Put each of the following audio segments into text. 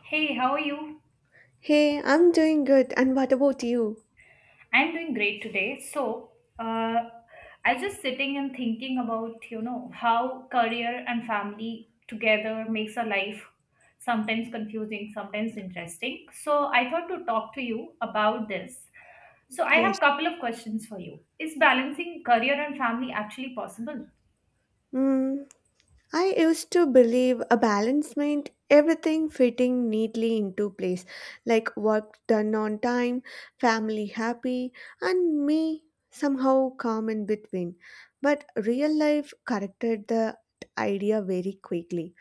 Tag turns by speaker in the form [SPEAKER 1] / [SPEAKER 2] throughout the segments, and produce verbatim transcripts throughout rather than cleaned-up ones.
[SPEAKER 1] Hey, how are you?
[SPEAKER 2] Hey, I'm doing good. And what about you?
[SPEAKER 1] I'm doing great today. So, uh, I just sitting and thinking about, you know, how career and family together makes a life sometimes confusing, sometimes interesting. So, I thought to talk to you about this. So, I have
[SPEAKER 2] Yes.
[SPEAKER 1] couple of questions for you. Is balancing career and family actually possible?
[SPEAKER 2] Mm, I used to believe a balance meant everything fitting neatly into place, like work done on time, family happy, and me somehow calm in between. But real life corrected the idea very quickly.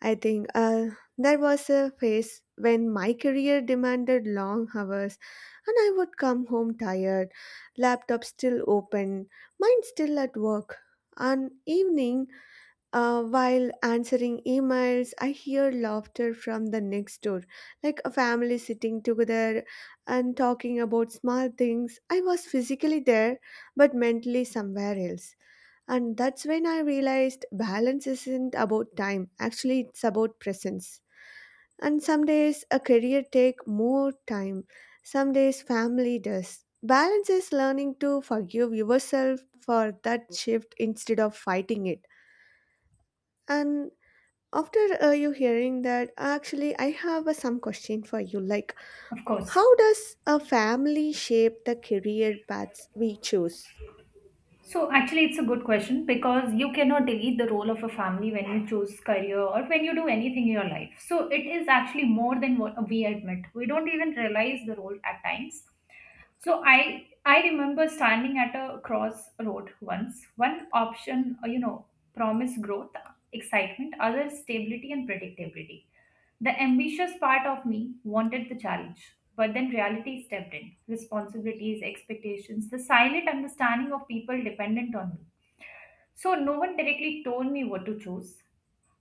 [SPEAKER 2] I think uh, there was a phase when my career demanded long hours, and I would come home tired, laptop still open, mind still at work. On evening, uh, while answering emails, I hear laughter from the next door, like a family sitting together and talking about small things. I was physically there, but mentally somewhere else. And that's when I realized balance isn't about time, actually, it's about presence. And some days a career take more time, some days family does. Balance is learning to forgive yourself for that shift instead of fighting it. And after uh, you hearing that, actually, I have uh, some question for you. Like,
[SPEAKER 1] Of course.
[SPEAKER 2] how does a family shape the career paths we choose?
[SPEAKER 1] So actually, it's a good question because you cannot delete the role of a family when you choose career or when you do anything in your life. So it is actually more than what we admit. We don't even realize the role at times. So I I remember standing at a crossroad once. One option, uh, you know, promised growth, excitement, other stability and predictability. The ambitious part of me wanted the challenge, but then reality stepped in. Responsibilities, expectations, the silent understanding of people dependent on me. So no one directly told me what to choose.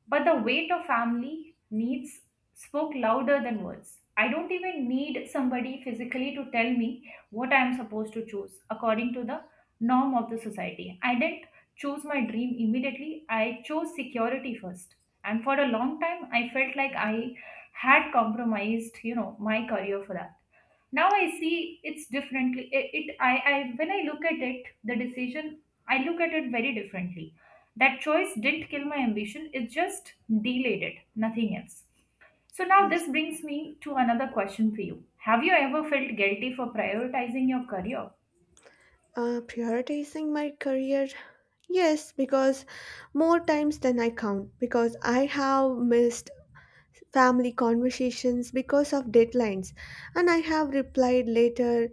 [SPEAKER 1] But the weight of family needs spoke louder than words. I don't even need somebody physically to tell me what I am supposed to choose according to the norm of the society. I didn't choose my dream immediately, I chose security first. And for a long time, I felt like I had compromised, you know, my career for that. Now I see it's differently. It, it I, I when I look at it, the decision, I look at it very differently. That choice didn't kill my ambition, it just delayed it, nothing else. So now
[SPEAKER 2] Yes.
[SPEAKER 1] this brings me to another question for you. Have you ever felt guilty for prioritizing your career?
[SPEAKER 2] Uh, prioritizing my career? Yes, because more times than I count, because I have missed family conversations because of deadlines, and I have replied later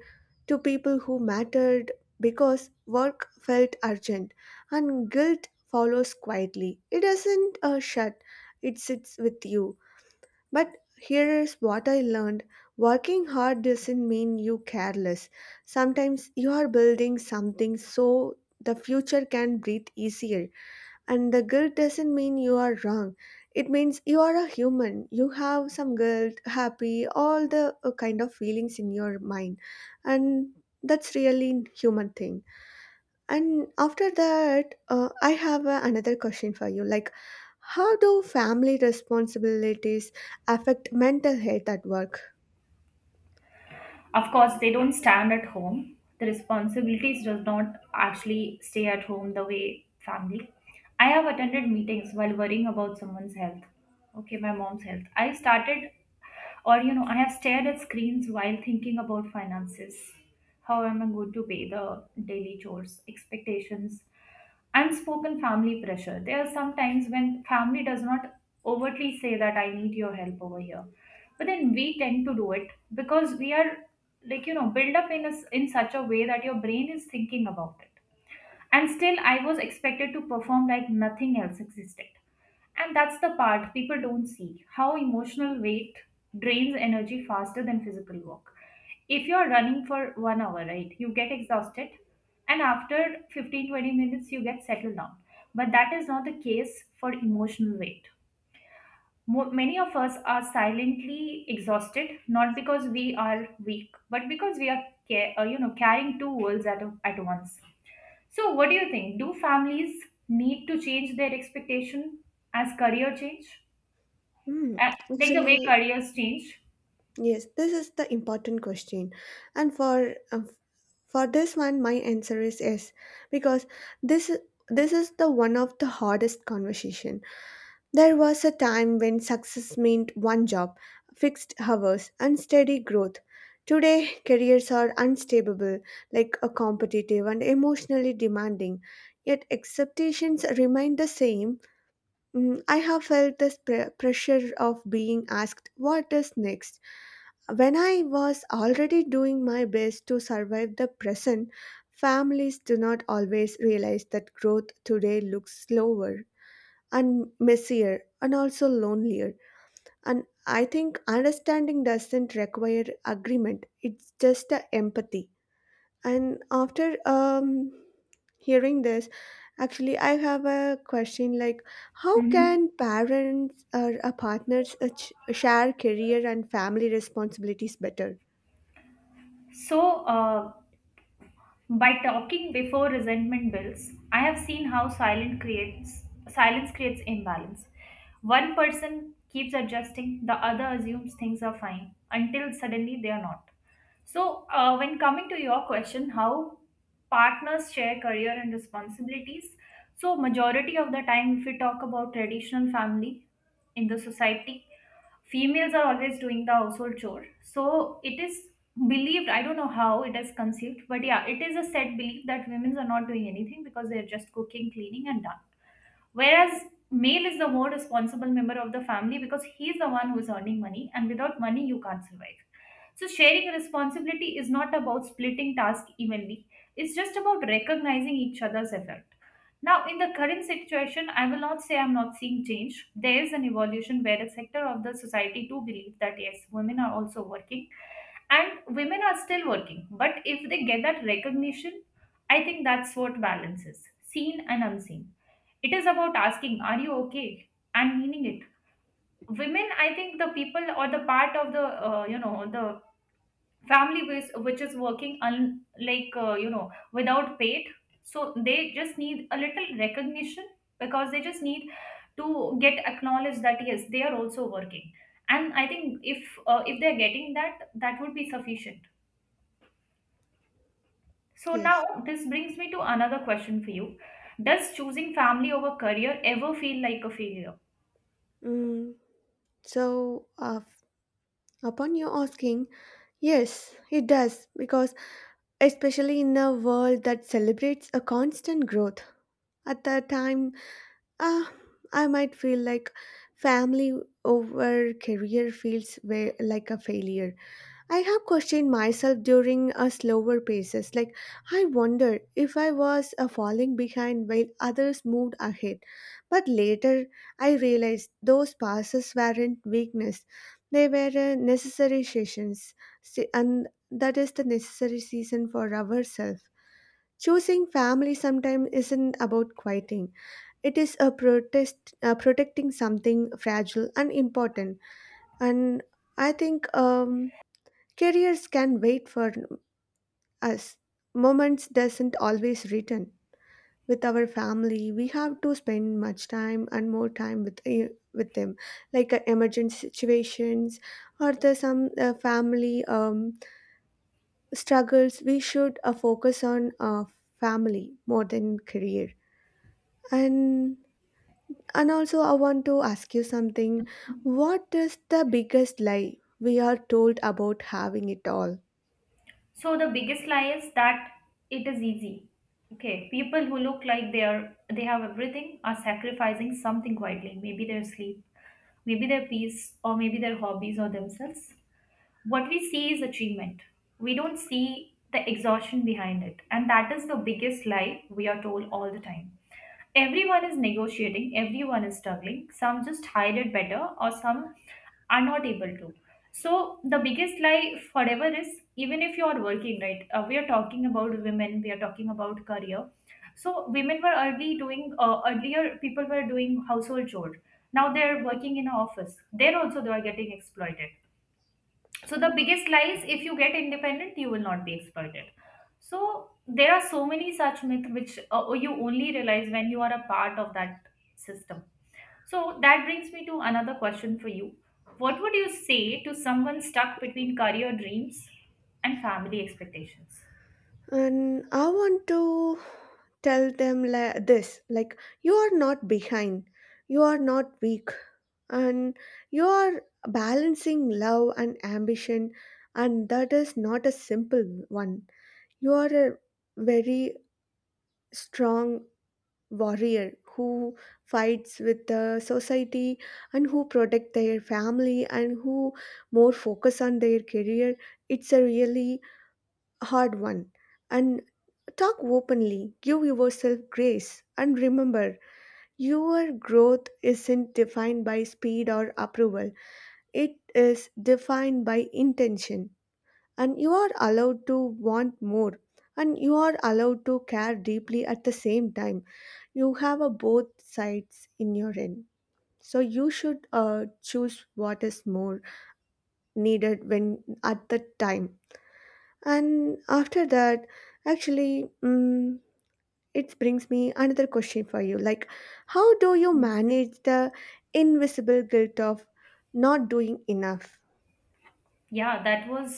[SPEAKER 2] to people who mattered because work felt urgent, and guilt follows quietly. It doesn't uh, shut, it sits with you. But here is what I learned working hard doesn't mean you careless. Sometimes you are building something so the future can breathe easier. And the guilt doesn't mean you are wrong. It means you are a human. You have some guilt, happy, all the uh, kind of feelings in your mind. And that's really human thing. And after that, uh, I have uh, another question for you. Like, how do family responsibilities affect mental health at work?
[SPEAKER 1] Of course, they don't stand at home. The responsibilities does not actually stay at home the way family. I have attended meetings while worrying about someone's health. Okay, my mom's health. I started, or you know I have stared at screens while thinking about finances. How am I going to pay the daily chores, expectations, unspoken family pressure? There are some times when family does not overtly say that I need your help over here, but then we tend to do it because we are, like, you know built up in a s in such a way that your brain is thinking about it. And still I was expected to perform like nothing else existed. And that's the part people don't see, how emotional weight drains energy faster than physical work. If you're running for one hour, right, you get exhausted. And after fifteen twenty minutes, you get settled down. But that is not the case for emotional weight. Mo- many of us are silently exhausted, not because we are weak, but because we are ca- uh, you know carrying two worlds at, a- at once. So, what do you think? Do families need to change their expectation as career change,
[SPEAKER 2] Hmm.
[SPEAKER 1] Uh, like the way
[SPEAKER 2] Actually,
[SPEAKER 1] careers change?
[SPEAKER 2] yes, this is the important question. And for uh, for this one, my answer is yes, because this is this is the one of the hardest conversation. There was a time when success meant one job, fixed hours, and steady growth. Today, careers are unstable, like a competitive and emotionally demanding. Yet expectations remain the same. Mm, I have felt this pre- pressure of being asked what is next. When I was already doing my best to survive the present, families do not always realize that growth today looks slower and messier and also lonelier. And I think understanding doesn't require agreement, it's just a empathy. And after um, hearing this, actually, I have a question like, how
[SPEAKER 1] Hmm.
[SPEAKER 2] can parents or uh, partners uh, ch- share career and family responsibilities better?
[SPEAKER 1] So, uh, by talking before resentment builds, I have seen how silence creates silence creates imbalance. One person keeps adjusting, the other assumes things are fine until suddenly they are not. So, uh, when coming to your question, how partners share career and responsibilities, so majority of the time, if we talk about traditional family in the society, females are always doing the household chore. So it is believed. I don't know how it is conceived, but yeah, it is a set belief that women are not doing anything because they are just cooking, cleaning, and done. Whereas male is the more responsible member of the family because he's the one who's earning money, and without money, you can't survive. So, sharing responsibility is not about splitting tasks evenly, it's just about recognizing each other's effort. Now, in the current situation, I will not say I'm not seeing change. There is an evolution where a sector of the society do believe that yes, women are also working and women are still working. But if they get that recognition, I think that's what balances seen and unseen. It is about asking, "Are you okay?" and meaning it. Women, I think the people or the part of the uh, you know the family which, which is working un, like uh, you know without paid, so they just need a little recognition because they just need to get acknowledged that yes they are also working. And I think if uh, if they're getting that, that would be sufficient. So
[SPEAKER 2] Yes.
[SPEAKER 1] now this brings me to another question for you. Does choosing family over career ever feel like a failure?
[SPEAKER 2] Mm, so, uh, upon your asking, yes, it does because especially in a world that celebrates a constant growth. At that time, ah, I might feel like family over career feels way, like a failure. I have questioned myself during a slower paces. Like I wonder if I was uh, falling behind while others moved ahead. But later, I realized those passes weren't weakness; they were uh, necessary sessions, Se- and that is the necessary season for ourselves. Choosing family sometimes isn't about quieting. It is a protest, uh, protecting something fragile and important. And I think um, careers can wait for us. Moments doesn't always return. With our family, we have to spend much time and more time with eh, with them, like uh, emergency situations or the some uh, family um, struggles. We should uh, focus on uh, family more than career. and And also, I want to ask you something. What is the biggest lie we are told about having it all?
[SPEAKER 1] So the biggest lie is that it is easy. Okay, people who look like they are they have everything are sacrificing something quietly. Maybe their sleep, maybe their peace, or maybe their hobbies or themselves. What we see is achievement. We don't see the exhaustion behind it, and that is the biggest lie we are told all the time. Everyone is negotiating, everyone is struggling. Some just hide it better, or some are not able to. So the biggest lie forever is even if you are working, right? Uh, we are talking about women, we are talking about career. So women were early doing, uh, earlier people were doing household chores. Now they are working in an office. There also they are getting exploited. So the biggest lie is if you get independent you will not be exploited. So there are so many such myths which uh, you only realize when you are a part of that system. So that brings me to another question for you. What would you say to someone stuck between career dreams and family expectations?
[SPEAKER 2] And I want to tell them like this, like, you are not behind, you are not weak, and you are balancing love and ambition, and that is not a simple one. You are a very strong warrior who fights with the society and who protect their family and who more focus on their career. It's a really hard one. And talk openly, give yourself grace, and remember your growth isn't defined by speed or approval. It is defined by intention. And you are allowed to want more, and you are allowed to care deeply at the same time. You have a both sides in your end, so you should uh, choose what is more needed when at the time. And after that, actually, mm, it brings me another question for you, like, how do you
[SPEAKER 1] Yes.
[SPEAKER 2] manage the invisible guilt of not doing enough?
[SPEAKER 1] yeah that was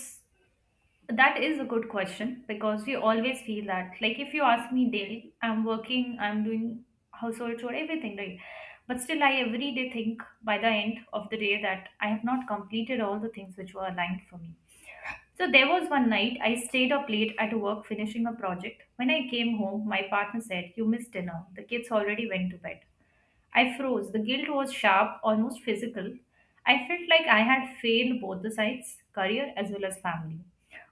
[SPEAKER 1] That is a good question because we always feel that. Like if you ask me daily, I'm working, I'm doing household chore, everything, right? But still, I every day think by the end of the day that I have not completed all the things which were aligned for me. So there was one night I stayed up late at work finishing a project. When I came home, my partner said, "You missed dinner. The kids already went to bed." I froze. The guilt was sharp, almost physical. I felt like I had failed both the sides, career as well as family.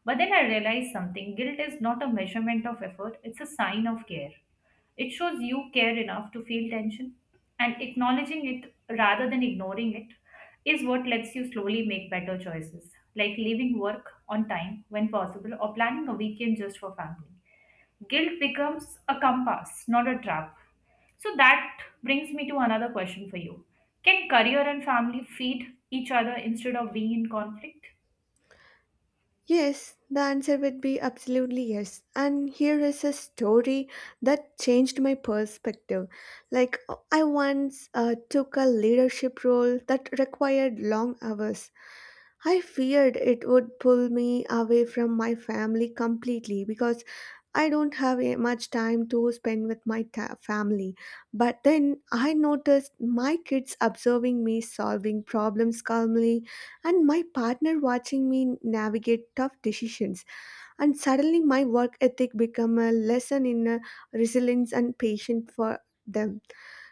[SPEAKER 1] But then I realized something, guilt is not a measurement of effort, it's a sign of care. It shows you care enough to feel tension, and acknowledging it rather than ignoring it is what lets you slowly make better choices, like leaving work on time when possible or planning a weekend just for family. Guilt becomes a compass, not a trap. So that brings me to another question for you. Can career and family feed each other instead of being in conflict?
[SPEAKER 2] Yes, the answer would be absolutely yes. And here is a story that changed my perspective. Like, I once uh, took a leadership role that required long hours. I feared it would pull me away from my family completely because I don't have a- much time to spend with my ta- family. But then I noticed my kids observing me solving problems calmly and my partner watching me navigate tough decisions, and suddenly my work ethic become a lesson in uh, resilience and patience for them.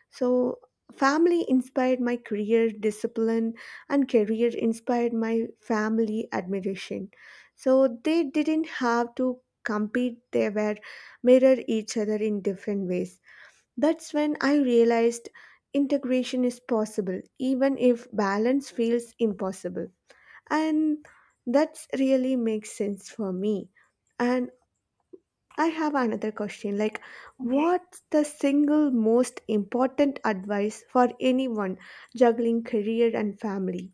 [SPEAKER 2] So family inspired my career discipline and career inspired my family admiration. So they didn't have to compete, they were mirror each other in different ways. That's when I realized integration is possible even if balance feels impossible. And that's really makes sense for me. And I have another question like,
[SPEAKER 1] Okay.
[SPEAKER 2] what's the single most important advice for anyone juggling career and family?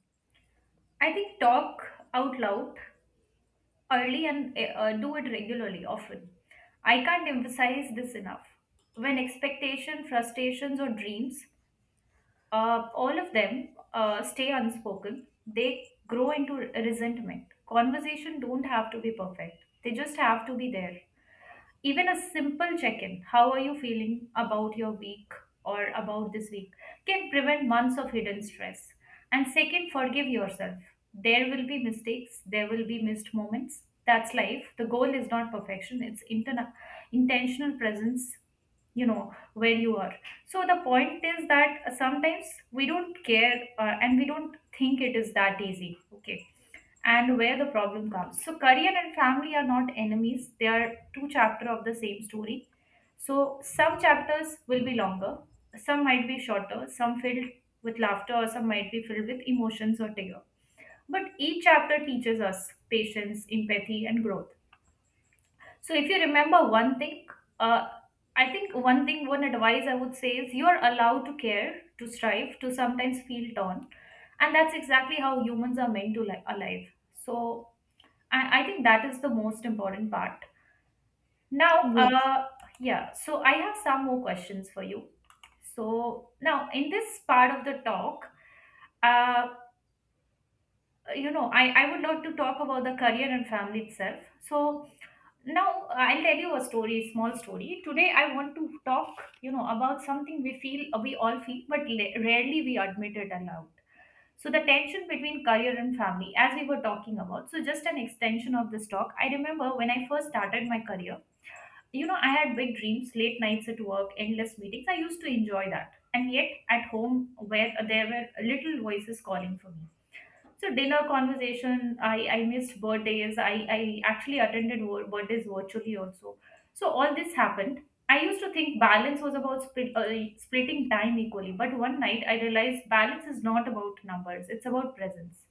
[SPEAKER 1] I think talk out loud early and eh, uh, do it regularly, often. I can't emphasize this enough. When expectation, frustrations, or dreams, uh, all of them uh, stay unspoken, they grow into resentment. Conversation don't have to be perfect. They just have to be there. Even a simple check in, how are you feeling about your week or about this week, can prevent months of hidden stress. And second, forgive yourself. There will be mistakes, there will be missed moments. That's life. The goal is not perfection, it's interna- intentional presence, you know, where you are. So the point is that sometimes we don't care, uh, and we don't think it is that easy. Okay, and where the problem comes. So, career and family are not enemies, they are two chapters of the same story. So, some chapters will be longer, some might be shorter, some filled with laughter, or some might be filled with emotions or terror. But each chapter teaches us patience, empathy, and growth. So, if you remember one thing, uh, I think one thing, one advice I would say is you are allowed to care, to strive, to sometimes feel torn. And that's exactly how humans are meant to li- alive. So, I, I think that is the most important part. Now,
[SPEAKER 2] Yes,
[SPEAKER 1] uh, yeah, so I have some more questions for you. So, now in this part of the talk, uh, you know, I, I would love to talk about the career and family itself. So, now I'll tell you a story, small story. Today, I want to talk, you know, about something we feel, we all feel, but la- rarely we admit it aloud. So the tension between career and family, as we were talking about, so just an extension of this talk. I remember when I first started my career, you know, I had big dreams, late nights at work, endless meetings. I used to enjoy that. And yet at home, where there were little voices calling for me. So dinner conversation, I, I missed birthdays. I, I actually attended vir- birthdays virtually also. So all this happened. I used to think balance was about split, uh, splitting time equally. But one night I realized balance is not about numbers. It's about presence.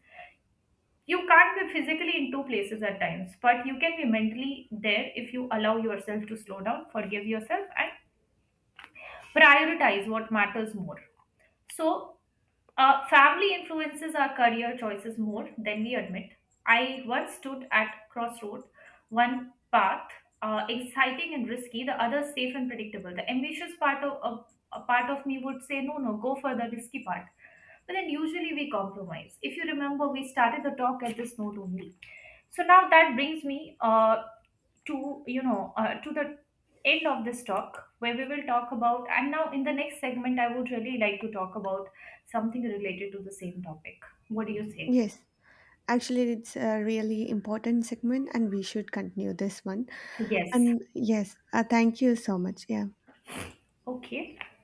[SPEAKER 1] You can't be physically in two places at times, but you can be mentally there if you allow yourself to slow down, forgive yourself, and prioritize what matters more. So uh, family influences our career choices more than we admit. I once stood at crossroad, one path, uh, exciting and risky, the other safe and predictable. The ambitious part of of- a part of me would say, no, no, go for the risky part. But then usually we compromise. If you remember, we started the talk at this note only. So now that brings me uh, to you know uh, to the end of this talk where we will talk about and now in the next segment I would really like to talk about something related to the same topic. What do you say?
[SPEAKER 2] yes. Actually, it's a really important segment, and we should continue this one.
[SPEAKER 1] Yes.
[SPEAKER 2] And yes, uh, thank you so much. Yeah.
[SPEAKER 1] Okay.